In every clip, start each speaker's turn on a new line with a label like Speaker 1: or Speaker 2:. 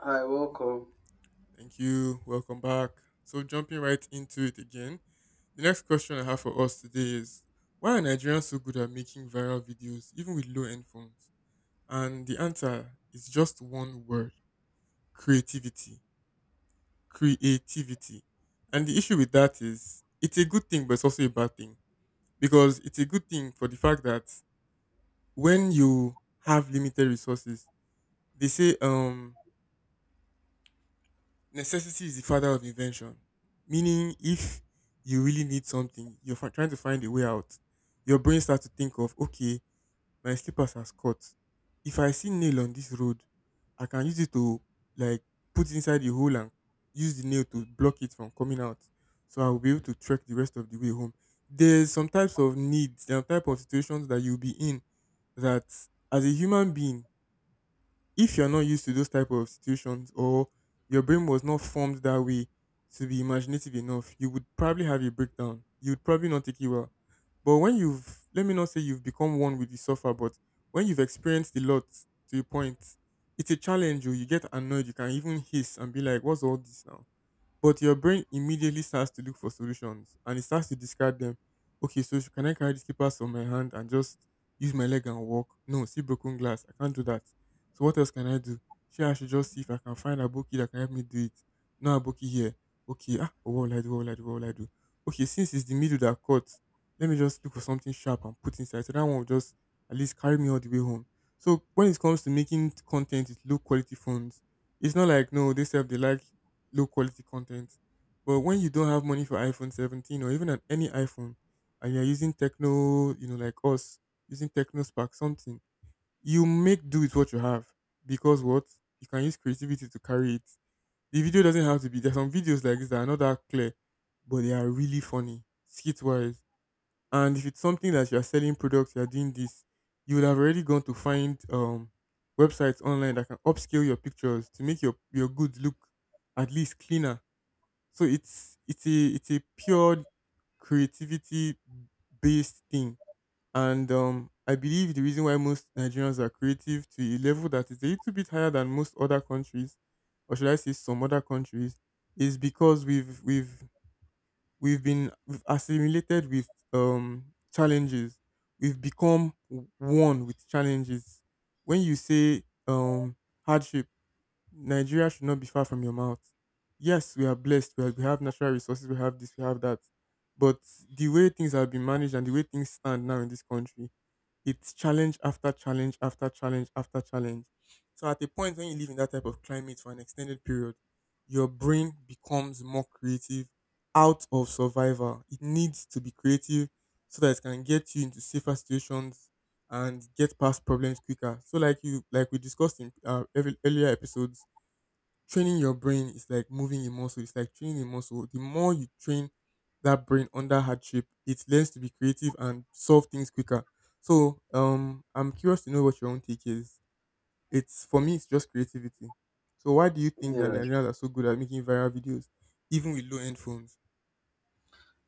Speaker 1: Hi, welcome.
Speaker 2: Thank you. Welcome back. So jumping right into it again. The next question I have for us today is why are Nigerians so good at making viral videos even with low end phones? And the answer is just one word, creativity. Creativity. And the issue with that is it's a good thing but it's also a bad thing because it's a good thing for the fact that when you have limited resources, they say necessity is the father of invention. Meaning, if you really need something, trying to find a way out. Your brain starts to think of, okay, my slippers has cut. If I see nail on this road, I can use it to like put inside the hole and use the nail to block it from coming out. So I will be able to trek the rest of the way home. There's some types of needs, there are type of situations that you'll be in that as a human being if you're not used to those type of situations or your brain was not formed that way to be imaginative enough, you would probably have a breakdown. You would probably not take it well. But when you've, let me not say you've become one with the suffer, but when you've experienced a lot to a point, it's a challenge. Oh, You get annoyed. You can even hiss and be like, "What's all this now?" But your brain immediately starts to look for solutions and it starts to discard them. Okay, can I carry this papers on my hand and just use my leg and walk? No, see broken glass. I can't do that. So what else can I do? Sure, I should just see if I can find a bookie that can help me do it. No bookie here. Okay, what will I do? What will I do? What will I do? Okay, since it's the middle that cuts, let me just look for something sharp and put inside. So that one will just at least carry me all the way home. So when it comes to making content with low quality phones, it's not like no, they self they like low quality content. But when you don't have money for iPhone 17 or even any iPhone, and you're using Techno, you know, like us, using Techno Spark something, you make do with what you have because what you can use creativity to carry it. The video doesn't have to be. There's some videos like this that are not that clear, but they are really funny skit wise. And if it's something that you're selling products, you're doing this, you would have already gone to find websites online that can upscale your pictures to make your goods look at least cleaner, so it's a pure creativity based thing. And I believe the reason why most Nigerians are creative to a level that is a little bit higher than most other countries, or should I say some other countries, is because we've assimilated with challenges. One with challenges. When you say hardship, Nigeria should not be far from your mouth. Yes, we are blessed. We have natural resources. We have this. We have that. But the way things have been managed and the way things stand now in this country, it's challenge after challenge after challenge after challenge. So at a point when you live in that type of climate for an extended period, your brain becomes more creative out of survival. It needs to be creative so that it can get you into safer situations and get past problems quicker. So like you, like we discussed in earlier episodes, training your brain is like moving a muscle. It's like training a muscle. The more you train that brain under hardship, it learns to be creative and solve things quicker. So I'm curious to know what your own take is. It's for me, it's just creativity. So why do you think that
Speaker 1: Yeah,
Speaker 2: Nigerians are so good at making viral videos, even with low-end phones?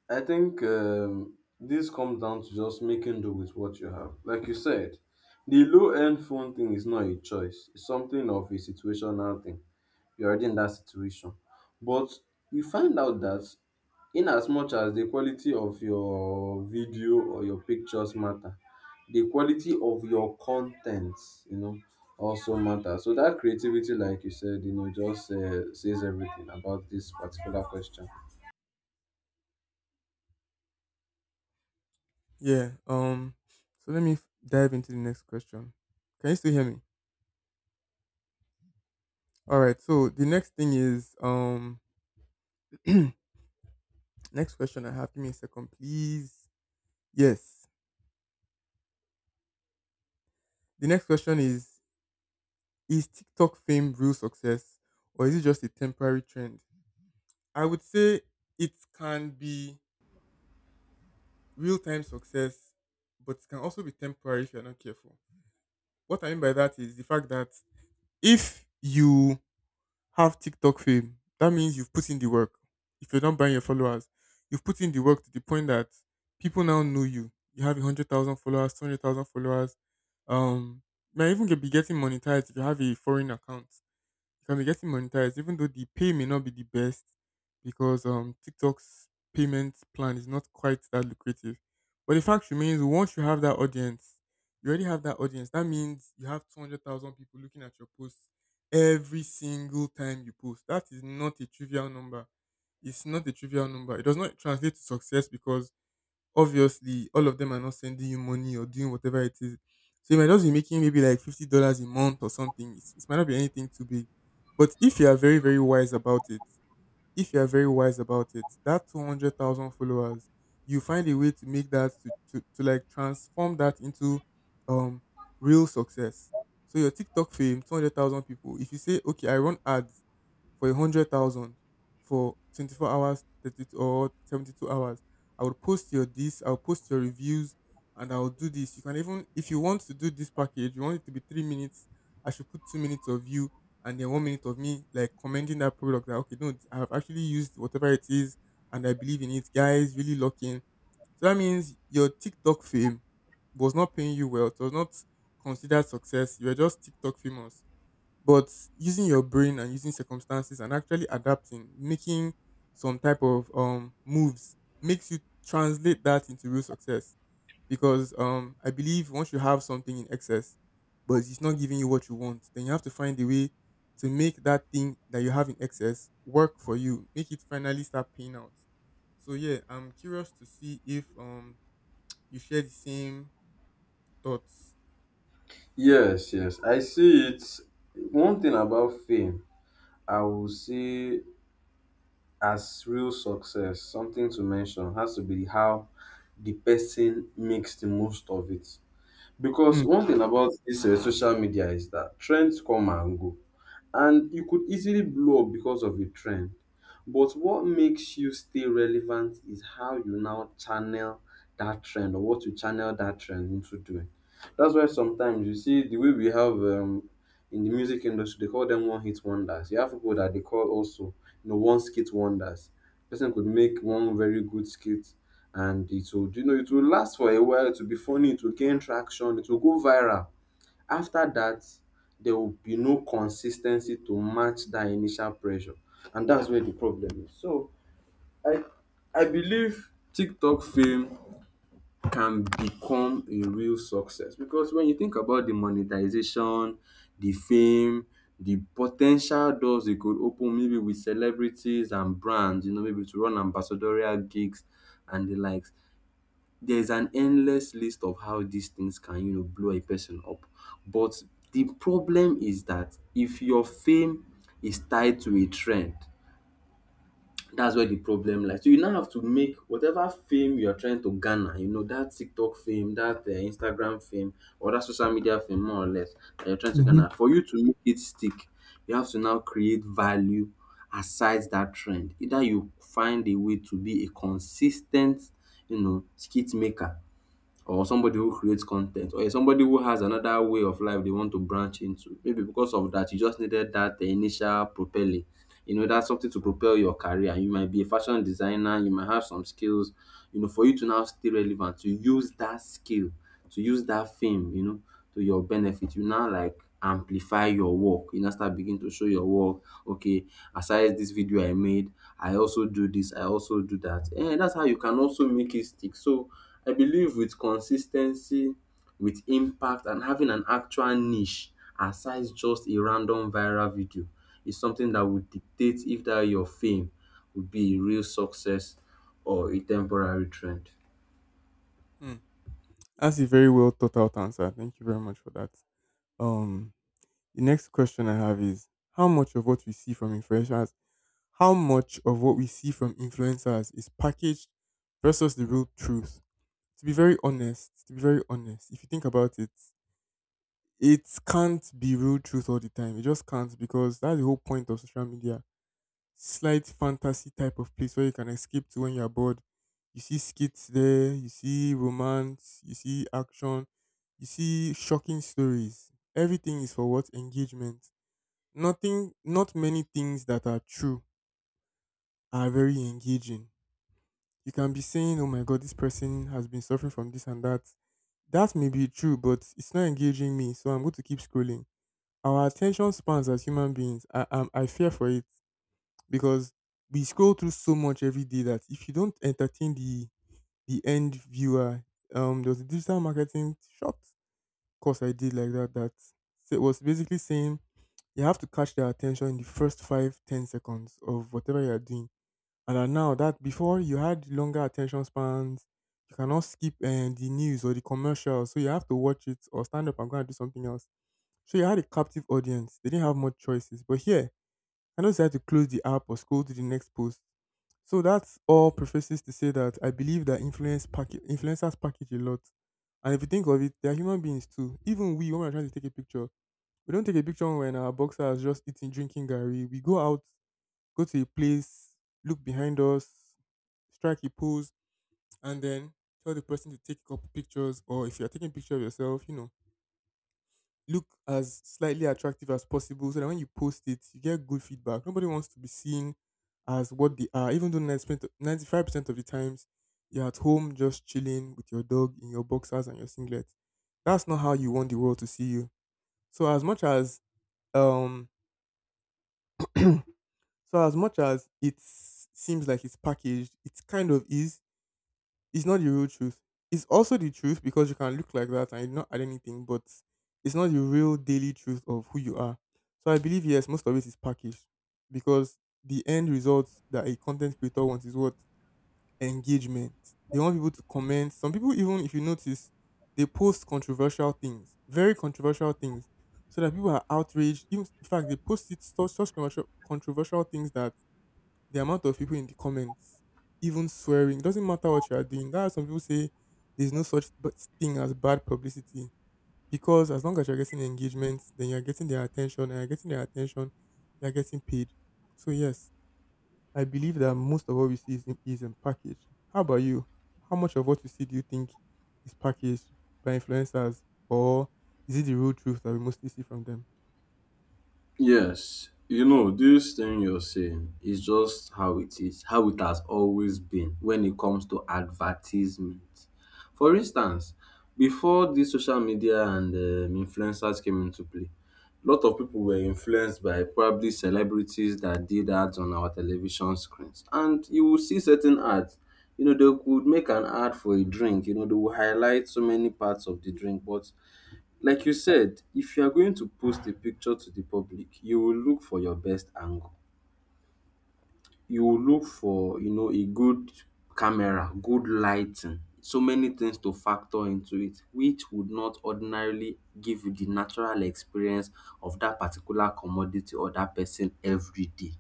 Speaker 1: I think this comes down to just making do with what you have. Like you said, the low-end phone thing is not a choice. It's something of a situational thing. You're already in that situation, but you find out that in as much as the quality of your video or your pictures matter, the quality of your content, you know, also matter. So that creativity, like you said, you know, just says everything about this particular question.
Speaker 2: Yeah. So let me dive into the next question. Can you still hear me? All right. So the next thing is next question I have. Give me a second, please. Yes. The next question is TikTok fame real success or is it just a temporary trend? I would say it can be real time success, but it can also be temporary if you're not careful. What I mean by that is the fact that if you have TikTok fame, that means you've put in the work. If you're not buying your followers, you've put in the work to the point that people now know you. You have 100,000 followers, 200,000 followers. Um, you might be getting monetized. If you have a foreign account, you can be getting monetized, even though the pay may not be the best because TikTok's payment plan is not quite that lucrative. But the fact remains, once you have that audience, you already have that audience. That means you have 200,000 people looking at your posts every single time you post. That is not a trivial number. It's not a trivial number. It does not translate to success because obviously all of them are not sending you money or doing whatever it is. So you might just be making maybe like $50 a month or something. It might not be anything too big, but if you are very wise about it, if you are very wise about it, that 200,000 followers, you find a way to make that to like transform that into um real success. So your TikTok fame, 200,000 people. If you say okay, I run ads for a hundred thousand for 24 hours, 30 or 72 hours. I would post your this, I'll post your reviews and I'll do this. You can, even if you want to do this package, you want it to be 3 minutes. I should put 2 minutes of you and then 1 minute of me like commending that product, that, okay, no, I have actually used whatever it is and I believe in it, guys, really locking. So that means your TikTok fame was not paying you well. It was not considered success. You were just TikTok famous. But using your brain and using circumstances and actually adapting, making some type of moves makes you translate that into real success. Because I believe once you have something in excess, but it's not giving you what you want, then you have to find a way to make that thing that you have in excess work for you. Make it finally start paying out. So yeah, I'm curious to see if you share the same thoughts.
Speaker 1: Yes, yes, I see it. One thing about fame, I will say as real success, something to mention has to be how the person makes the most of it. Because
Speaker 2: Hmm.
Speaker 1: one thing about this social media is that trends come and go, and you could easily blow up because of a trend. But what makes you stay relevant is how you now channel that trend or what you channel that trend into doing. That's why sometimes you see the way we have in the music industry, they call them one hit wonders. You have people that they call also, you know, one skit wonders. Person could make one very good skit, and it will, you know, it will last for a while, it will be funny, it will gain traction, it will go viral. After that, there will be no consistency to match that initial pressure. And that's where the problem is. So I I believe TikTok fame can become a real success, because when you think about the monetization, the fame, the po ten tial doors it could open, maybe with celebrities and brands, you know, maybe to run ambassadorial gigs and the likes, there's an endless list of how these things can, you know, blow a person up. But the problem is that if your fame is tied to a trend, that's where the problem lies. So you now have to make whatever fame you're trying to garner, you know, that TikTok fame, that Instagram fame or that social media fame, more or less, that you're trying to
Speaker 2: hmm
Speaker 1: garner, for you to make it stick, you have to now create value aside that trend. Either you find a way to be a consistent, you know, skit maker, or somebody who creates content, or somebody who has another way of life they want to branch into. Maybe because of that, you just needed that initial propelling. You know, that's something to propel your career. You might be a fashion designer, you might have some skills, you know, for you to now stay relevant, to use that skill, to use that fame, you know, to your benefit. You now like amplify your work. You now start begin to show your work. Okay, aside this video I made, I also do this, I also do that. And that's how you can also make it stick. So I believe with consistency, with impact, and having an actual niche aside just a random viral video is something that would dictate if that your fame would be a real success or a temporary trend.
Speaker 2: Hmm. That's a very well thought out answer. Thank you very much for that. Um, the next question I have is how much of what we see from influencers is packaged versus the real truth? To be very honest, if you think about it, it can't be real truth all the time. It just can't, because that's the whole point of social media. Slight fantasy type of place where you can escape to when you're bored. You see skits there, you see romance, you see action, you see shocking stories. Everything is for what? Engagement. Nothing, not many things that are true are very engaging. You can be saying, "Oh my god, this person has been suffering from this and that." That may be true, but it's not engaging me, so I'm going to keep scrolling. Our attention spans as human beings, I fear for it because we scroll through so much every day that if you don't entertain the end viewer, there was a digital marketing short course I did like that that So it was basically saying you have to catch their attention in the first five, 10 seconds of whatever you are doing. And that now, that before, you had longer attention spans, you cannot skip the news or the commercials, so you have to watch it or stand up and go and do something else. So you had a captive audience; they didn't have much choices. But here, I know how to close the app or scroll to the next post. So that's all prefaces to say that I believe that influencers package a lot. And if you think of it, they are human beings too. Even we, when we're trying to take a picture, we don't take a picture when our boxer is just eating, drinking Gary. We go out, go to a place, look behind us, strike a pose, and then tell the person to take a couple pictures. Or if you're taking a picture of yourself, you know, look as slightly attractive as possible so that when you post it, you get good feedback. Nobody wants to be seen as what they are, even though 95% of the times you're at home just chilling with your dog in your boxers and your singlet. That's not how you want the world to see you. So as much as um so as much as it seems like it's packaged, it kind of is. It's not the real truth. It's also the truth because you can look like that and you not add anything, but it's not the real daily truth of who you are. So I believe yes, most of it is packaged because the end result that a content creator wants is what? Engagement. They want people to comment. Some people, even if you notice, they post controversial things, very controversial things, so that people are outraged. Even in fact, they post it such controversial controversial things that the amount of people in the comments, even swearing, doesn't matter what you are doing. That's why some people say there's no such b- thing as bad publicity, because as long as you're getting engagement, then you're getting their attention, and you're getting their attention, you're getting paid. So yes, I believe that most of what we see is in package. How about you? How much of what you see do you think is packaged by influencers, or is it the real truth that we mostly see from them?
Speaker 1: Yes, you know, this thing you're saying is just how it is, how it has always been when it comes to advertisement. For instance, before these social media and influencers came into play, a lot of people were influenced by probably celebrities that did ads on our television screens. And you will see certain ads. You know, they could make an ad for a drink, you know, they will highlight so many parts of the drink. But like you said, if you are going to post a picture to the public, you will look for your best angle. You will look for, you know, a good camera, good lighting, so many things to factor into it, which would not ordinarily give you the natural experience of that particular commodity or that person every day.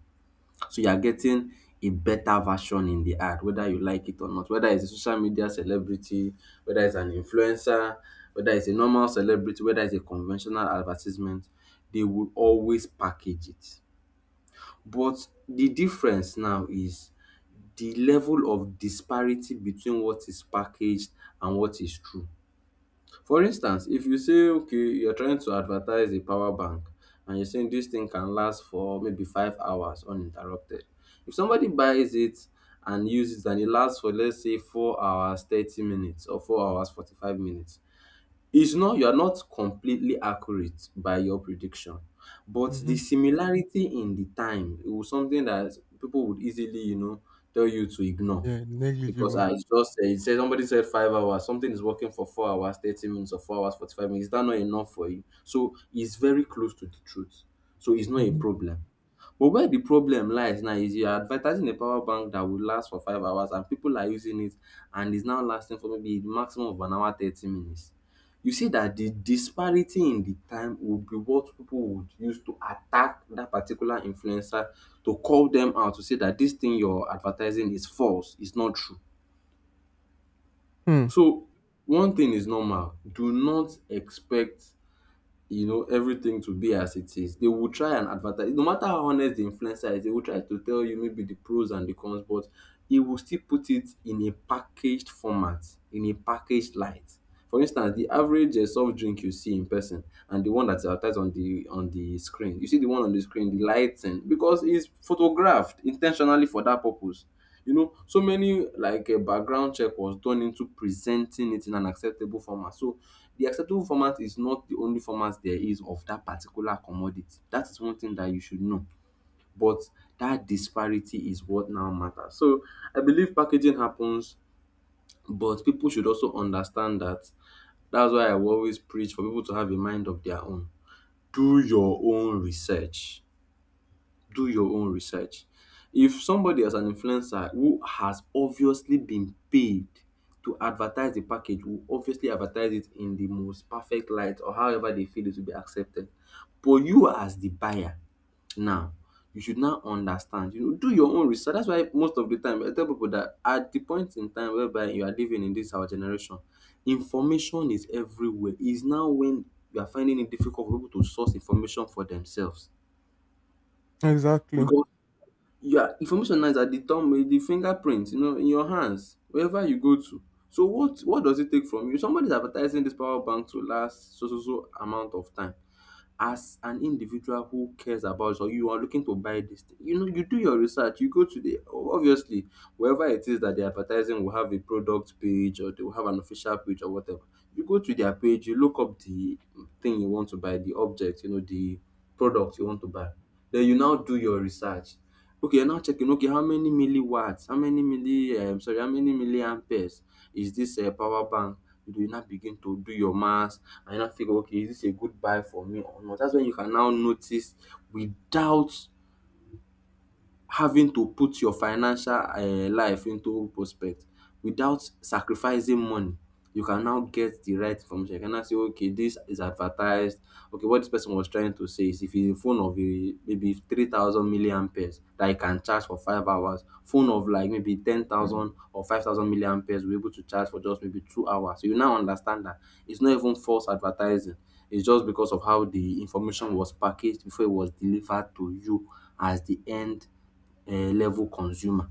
Speaker 1: So you are getting a better version in the ad whether you like it or not. Whether it's a social media celebrity, whether it's an influencer, whether it's a normal celebrity, whether it's a conventional advertisement, they will always package it. But the difference now is the level of disparity between what is packaged and what is true. For instance, if you say okay, you're trying to advertise a power bank and you're saying this thing can last for maybe 5 hours uninterrupted. If somebody buys it and uses it and it lasts for, let's say, 4 hours 30 minutes or 4 hours 45 minutes, it's not, you are not completely accurate by your prediction, but the
Speaker 2: Hmm.
Speaker 1: similarity in the time, it was something that people would easily, you know, tell you to ignore.
Speaker 2: Yeah,
Speaker 1: Because
Speaker 2: negligible.
Speaker 1: I just said, it said, somebody said 5 hours, something is working for 4 hours, 30 minutes or 4 hours, 45 minutes. Is that not enough for you? So it's very close to the truth. So it's not a
Speaker 2: Hmm.
Speaker 1: problem. But where the problem lies now is you are advertising a power bank that will last for 5 hours, and people are using it and is now lasting for maybe the maximum of an hour, 30 minutes. You see that the disparity in the time would be what people would use to attack that particular influencer, to call them out, to say that this thing you're advertising is false, it's not true.
Speaker 2: Hmm.
Speaker 1: So one thing is normal. Do not expect, you know, everything to be as it is. They will try and advertise. No matter how honest the influencer is, they will try to tell you maybe the pros and the cons. But he will still put it in a packaged format, in a packaged light. For instance, the average soft drink you see in person and the one that's advertised on the, on the screen, you see the one on the screen, the lighting, because it's photographed intentionally for that purpose, you know, so many, like a background check was done into presenting it in an acceptable format. So the acceptable format is not the only format there is of that particular commodity. That is one thing that you should know. But that disparity is what now matters. So I believe packaging happens, but people should also understand that. That's why I will always preach for people to have a mind of their own. Do your own research, do your own research. If somebody as an influencer who has obviously been paid to advertise the package will obviously advertise it in the most perfect light or however they feel it will be accepted. But you as the buyer now, you should now understand, you know, do your own research. That's why most of the time I tell people that at the point in time whereby you are living in this our generation, information is everywhere. Is now when you are finding it difficult for people to source information for themselves.
Speaker 2: Exactly.
Speaker 1: Because yeah, information now is at the thumb, the fingerprint, you know, in your hands wherever you go to. So what does it take from you? Somebody's advertising this power bank to last so so so amount of time. As an individual who cares about, or you are looking to buy this thing, you know, you do your research, you go to the obviously wherever it is that they advertising will have a product page, or they will have an official page or whatever. You go to their page, you look up the thing you want to buy, the object, you know, the product you want to buy. Then you now do your research. Okay, I'm now checking. Okay, how many milliwatts? How many milli? Sorry, how many milliamperes is this power bank? You do not begin to do your maths, and you now figure, okay, is this a good buy for me or not? That's when you can now notice, without having to put your financial life into prospect, without sacrificing money, you can now get the right information. You can now say, okay, this is advertised. Okay, what this person was trying to say is if it's a phone of a maybe 3,000 milliamperes that you can charge for 5 hours, phone of like maybe 10,000 or 5,000 milliamperes will be able to charge for just maybe 2 hours. So you now understand that it's not even false advertising, it's just because of how the information was packaged before it was delivered to you as the end level consumer.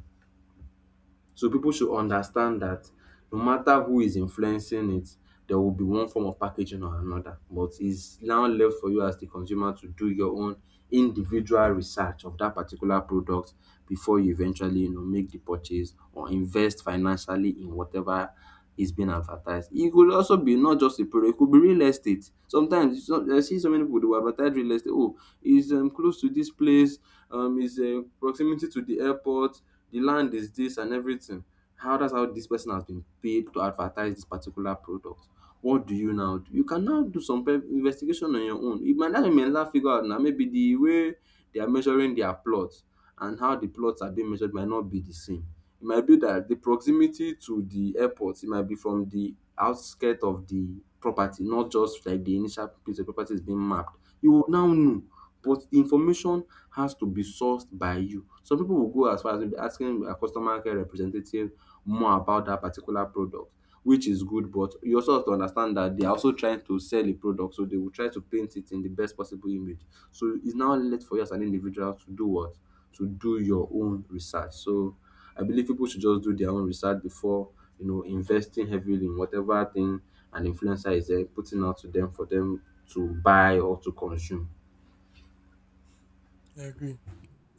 Speaker 1: So people should understand that no matter who is influencing it, there will be one form of packaging or another. But it's now left for you as the consumer to do your own individual research of that particular product before you eventually, you know, make the purchase or invest financially in whatever is being advertised. It could also be not just a product, e could be real estate. Sometimes some I see so many people who will advertise real estate. "Oh, is close to this place, is proximity to the airport, the land is this and everything." How dat's how this person has been paid to advertise this particular product. What do you now do? You can now do some pe investigation on your own. It might not, you now figure out now. Maybe the way they are measuring their plots and how the plots are being measured might not be the same. It might be that the proximity to the airport, it might be from the outskirt of the property, not just like the initial place the property is being mapped. You will now know, but the information has to be sourced by you. Some people will go as far as maybe asking a customer care representative more about that particular product, which is good, but you also have to understand that they are also trying to sell a product, so they will try to paint it in the best possible image. So it's now left for you as an individual to do what, to do your own research. So I believe people should just do their own research before, you know, investing heavily in whatever thing an influencer is putting out to them for them to buy or to consume.
Speaker 2: I agree.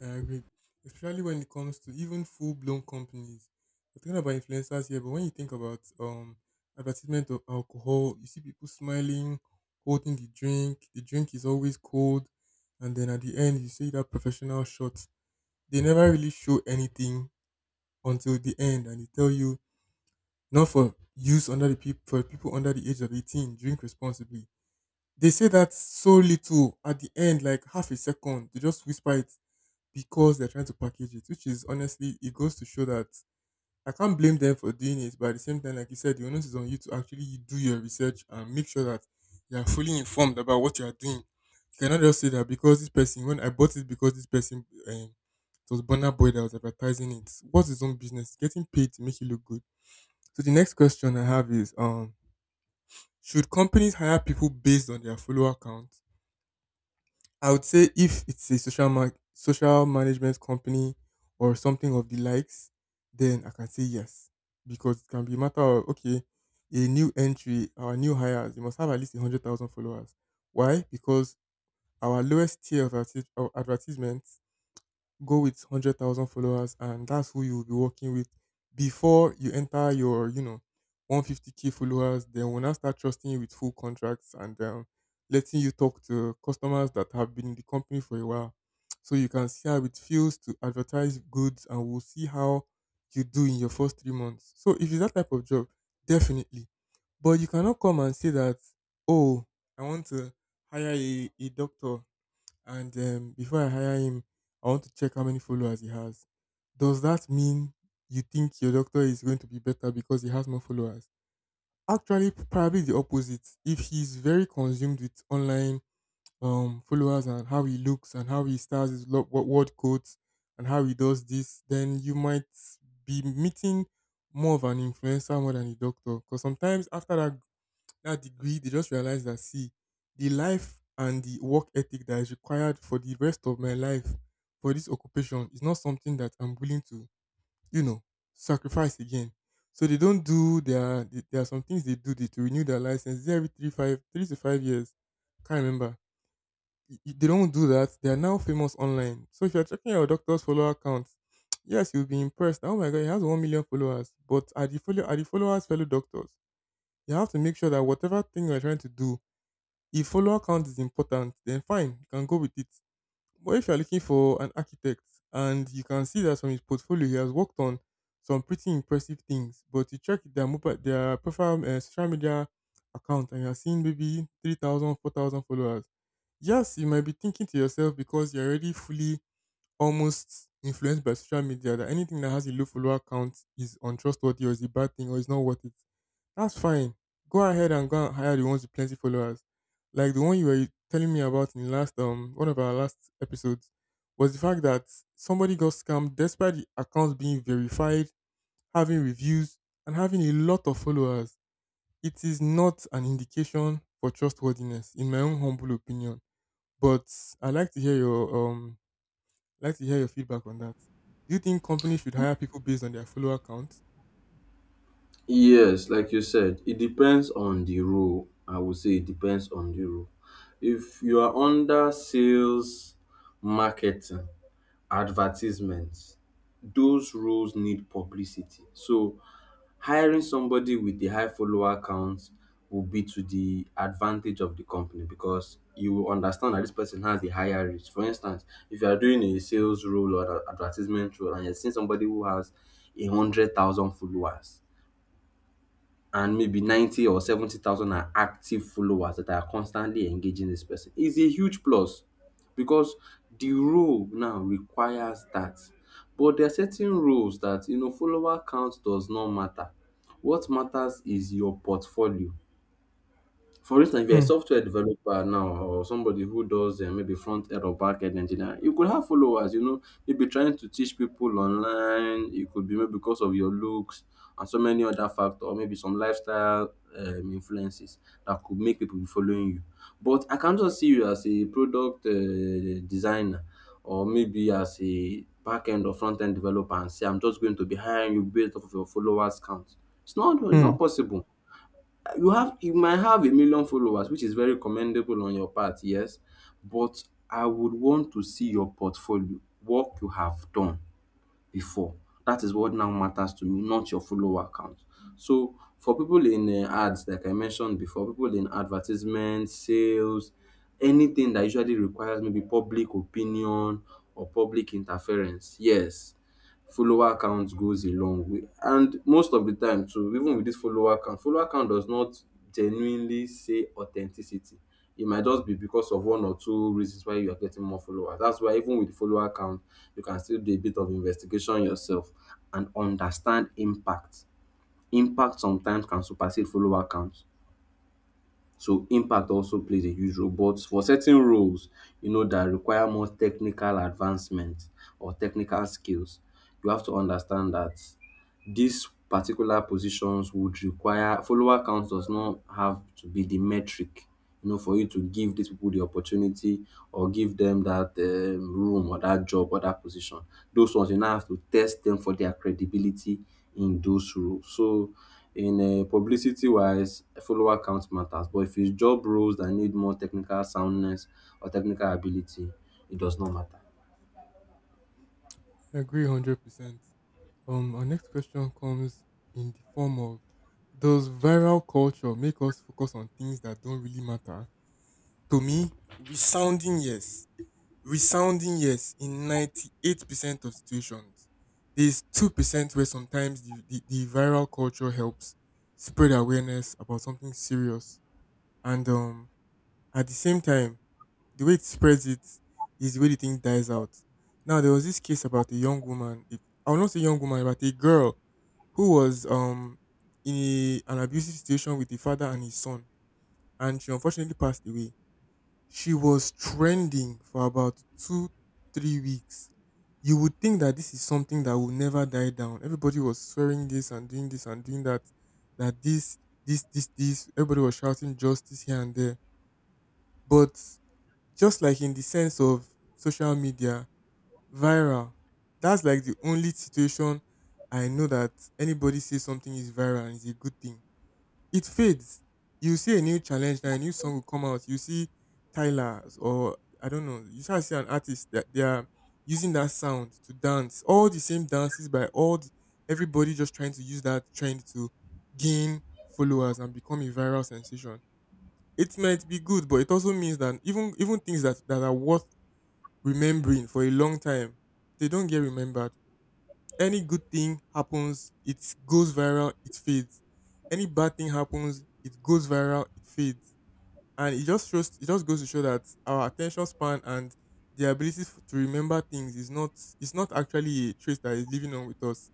Speaker 2: I agree. Especially when it comes to even full blown companies. We're talking about influencers here, but when you think about advertisement of alcohol, you see people smiling, holding the drink is always cold, and then at the end you see that professional shot. They never really show anything until the end and they tell you not for people under the age of 18, drink responsibly. They say that so little at the end, like half a second, they just whisper it because they're trying to package it, which is honestly, it goes to show that I can't blame them for doing it, but at the same time, like you said, the onus is on you to actually do your research and make sure that you are fully informed about what you are doing. You cannot just say that because this person, it was Burner Boy that was advertising it. What's his own business? Getting paid to make it look good. So the next question I have is, should companies hire people based on their follower count? I would say if it's a social management company or something of the likes, then I can say yes, because it can be a matter of okay, a new entry, our new hires, they must have at least 100,000 followers. Why? Because our lowest tier of advertisements go with 100,000 followers, and that's who you'll be working with before you enter your, you know, 150k followers. Then when I start trusting you with full contracts and letting you talk to customers that have been in the company for a while. So you can see how it feels to advertise goods, and we'll see how you do in your first 3 months. So if it's that type of job, definitely. But you cannot come and say that, oh, I want to hire a doctor, and before I hire him, I want to check how many followers he has. Does that mean you think your doctor is going to be better because he has more followers? Actually, probably the opposite. If he's very consumed with online followers and how he looks and how he stars his word quotes and how he does this, then you might be meeting more of an influencer more than a doctor. Because sometimes after that degree, they just realized that see, the life and the work ethic that is required for the rest of my life for this occupation is not something that I'm willing to, you know, sacrifice again. So they don't do their there are some things they do, they, to renew their license, is it every 3 5 3 to 5 years? Can't remember. They don't do that. They are now famous online. So if you're checking your doctor's follower count, yes, you'll be impressed. Oh my god, he has 1 million followers. But are the follow are the followers fellow doctors? You have to make sure that whatever thing you're trying to do, if follower count is important, then fine, you can go with it. But if you're looking for an architect and you can see that from his portfolio, he has worked on some pretty impressive things, but you check their profile, social media account, and you're seeing maybe 3,000, 4,000 followers. Yes, you might be thinking to yourself because you're already fully almost influenced by social media that anything that has a low follower count is untrustworthy or is a bad thing or is not worth it. That's fine. Go ahead and go and hire the ones with plenty followers. Like the one you were telling me about in last one of our last episodes was the fact that somebody got scammed despite the accounts being verified, having reviews, and having a lot of followers. It is not an indication for trustworthiness, in my own humble opinion. But I like to hear your like to hear your feedback on that. Do you think companies should hire people based on their follower count?
Speaker 1: Yes, like you said, it depends on the role. I would say it depends on the role. If you are under sales, marketing, advertisements, those roles need publicity. So hiring somebody with the high follower count will be to the advantage of the company, because you will understand that this person has the higher reach. For instance, if you are doing a sales role or an advertisement role and you're seeing somebody who has 100,000 followers and maybe 90 or 70,000 are active followers that are constantly engaging, this person is a huge plus, because the role now requires that. But there are certain roles that, you know, follower count does not matter. What matters is your portfolio. For instance, if you're a
Speaker 2: Hmm.
Speaker 1: software developer now or somebody who does maybe front end or back end engineering, you could have followers, you know, maybe trying to teach people online. It could be maybe because of your looks and so many other factors, or maybe some lifestyle influences that could make people be following you. But I can't just see you as a product designer or maybe as a back end or front end developer and say, I'm just going to be hiring you based off of your followers count. It's not, it's
Speaker 2: Hmm.
Speaker 1: not possible. You have you might have 1 million followers, which is very commendable on your part, yes, but I would want to see your portfolio, work you have done before. That is what now matters to me, not your follower count. So for people in ads, like I mentioned before, people in advertisement, sales, anything that usually requires maybe public opinion or public interference, yes, follower count goes a long way. And most of the time too, even with this follower count does not genuinely say authenticity. It might just be because of one or two reasons why you are getting more followers. That's why, even with the follower count, you can still do a bit of investigation yourself and understand impact. Impact sometimes can supersede follower count. So impact also plays a huge role. But for certain roles, you know, that require more technical advancement or technical skills, you have to understand that these particular positions would require, follower count does not have to be the metric, you know, for you to give these people the opportunity or give them that room or that job or that position. Those ones you now have to test them for their credibility in those roles. So in publicity wise, follower count matters. But if it's job roles that need more technical soundness or technical ability, it does not matter.
Speaker 2: I agree 100%. Our next question comes in the form of: does viral culture make us focus on things that don't really matter? To me, resounding yes. Resounding yes in 98% of situations. There's 2% where sometimes the viral culture helps spread awareness about something serious. And at the same time, the way it spreads it is the way the thing dies out. Now there was this case about a young woman. It, I will not say young woman, but a girl who was in an abusive situation with the father and his son, and she unfortunately passed away. She was trending for about two, 3 weeks. You would think that this is something that will never die down. Everybody was swearing this and doing that, that this, this, this, this. Everybody was shouting justice here and there. But just like in the sense of social media, viral. That's like the only situation I know that anybody says something is viral and is a good thing. It fades. You see a new challenge now, a new song will come out. You see Tyler or I don't know. You shall see an artist that they are using that sound to dance. All the same dances by all the, everybody just trying to use that trend to gain followers and become a viral sensation. It might be good, but it also means that even things that, that are worth remembering for a long time, they don't get remembered. Any good thing happens, it goes viral, it fades. Any bad thing happens, it goes viral, it fades. And it just goes to show that our attention span and to remember things is not, it's not actually a trait that is living on with us.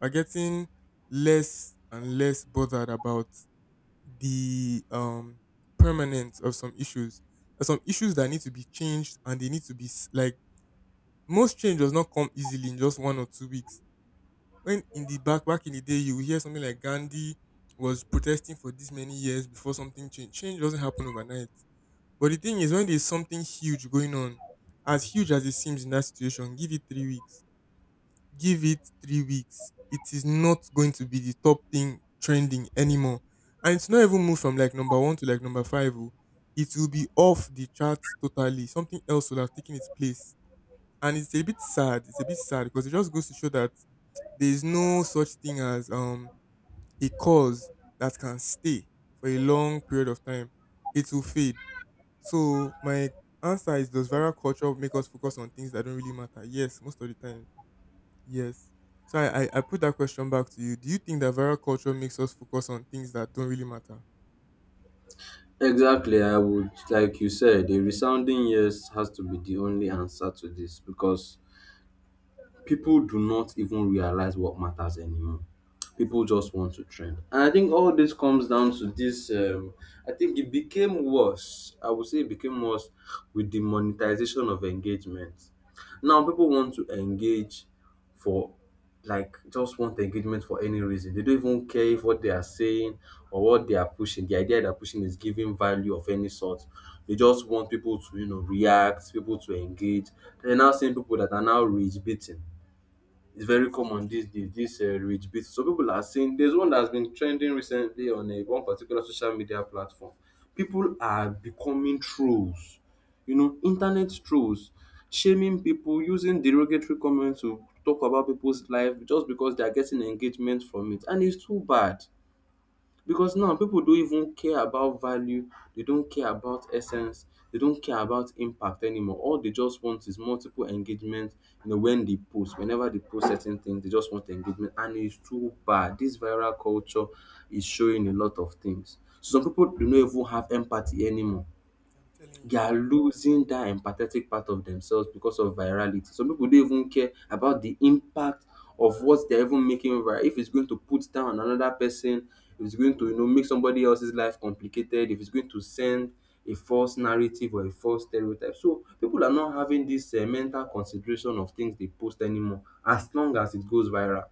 Speaker 2: We're getting less and less bothered about the permanence of some issues. There's some issues that need to be changed and they need to be s- like most change does not come easily in just 1 or 2 weeks. When in the back back in the day, you will hear something like Gandhi was protesting for this many years before something changed. Change doesn't happen overnight. But the thing is, when there's something huge going on, as huge as it seems in that situation, give it 3 weeks. Give it 3 weeks. It is not going to be the top thing trending anymore. And it's not even moved from like number one to like number five. Oh. It will be off the charts totally. Something else will have taken its place, and it's a bit sad. It's a bit sad because it just goes to show that there is no such thing as a cause that can stay for a long period of time. It will fade. So my answer is: does viral culture make us focus on things that don't really matter? Yes, most of the time. Yes. So I put that question back to you. Do you think that viral culture makes us focus on things that don't really matter?
Speaker 1: Exactly. I would, like you said, a resounding yes has to be the only answer to this, because people do not even realize what matters anymore. People just want to trend. And I think all this comes down to this. I think it became worse. I would say it became worse with the monetization of engagement. Now people want to engage for, like, just want engagement for any reason. They don't even care if what they are saying or what they are pushing, the idea they're pushing is giving value of any sort. They just want people to, you know, react, people to engage. They're now seeing people that are now rage beating, it's very common
Speaker 2: Exactly.
Speaker 1: these days, this rage bait. So people are saying there's one that's been trending recently on a one particular social media platform. People are becoming trolls, you know, internet trolls, shaming people, using derogatory comments to talk about people's life just because they are getting engagement from it, and it's too bad. Because now people don't even care about value, they don't care about essence, they don't care about impact anymore. All they just want is multiple engagement. You know, when they post, whenever they post certain things, they just want engagement. And it's too bad. This viral culture is showing a lot of things. So some people do not even have empathy anymore,
Speaker 2: I'm telling
Speaker 1: they
Speaker 2: you.
Speaker 1: are losing that empathetic part of themselves because of virality. Some people don't even care about the impact of what they're even making viral. If it's going to put down another person, if it's going to, you know, make somebody else's life complicated, if it's going to send a false narrative or a false stereotype. So people are not having this mental consideration of things they post anymore, as long as it goes viral.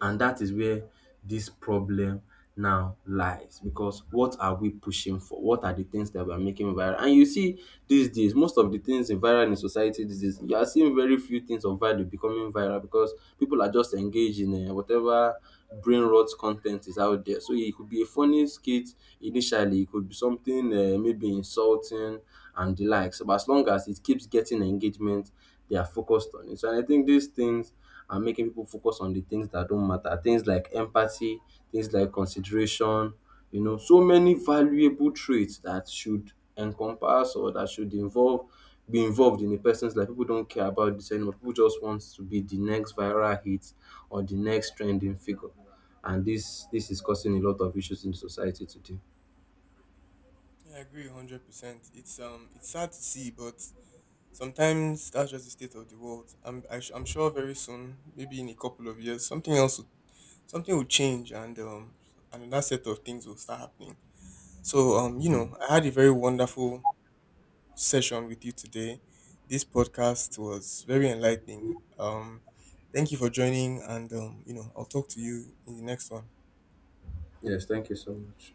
Speaker 1: And that is where this problem now lies, because what are we pushing for? What are the things that we're making viral? And you see these days, most of the things in viral in society these days, you are seeing very few things of value becoming viral, because people are just engaged in whatever brain rot content is out there. So it could be a funny skit initially, it could be something maybe insulting and the likes. But as long as it keeps getting engagement, they are focused on it. So, and I think these things are making people focus on the things that don't matter. Things like empathy, things like consideration, you know, so many valuable traits that should encompass or that should involve be involved in a person's life. People don't care about this anymore. People just want to be the next viral hit or the next trending figure. And this is causing a lot of issues in society today.
Speaker 2: Yeah, I agree 100%. It's sad to see, but sometimes that's just the state of the world. I am sure very soon, maybe in a couple of years, something will change and another set of things will start happening. So you know, I had a very wonderful session with you today. This podcast was very enlightening. Thank you for joining, and you know, I'll talk to you in the next one.
Speaker 1: Yes, thank you so much.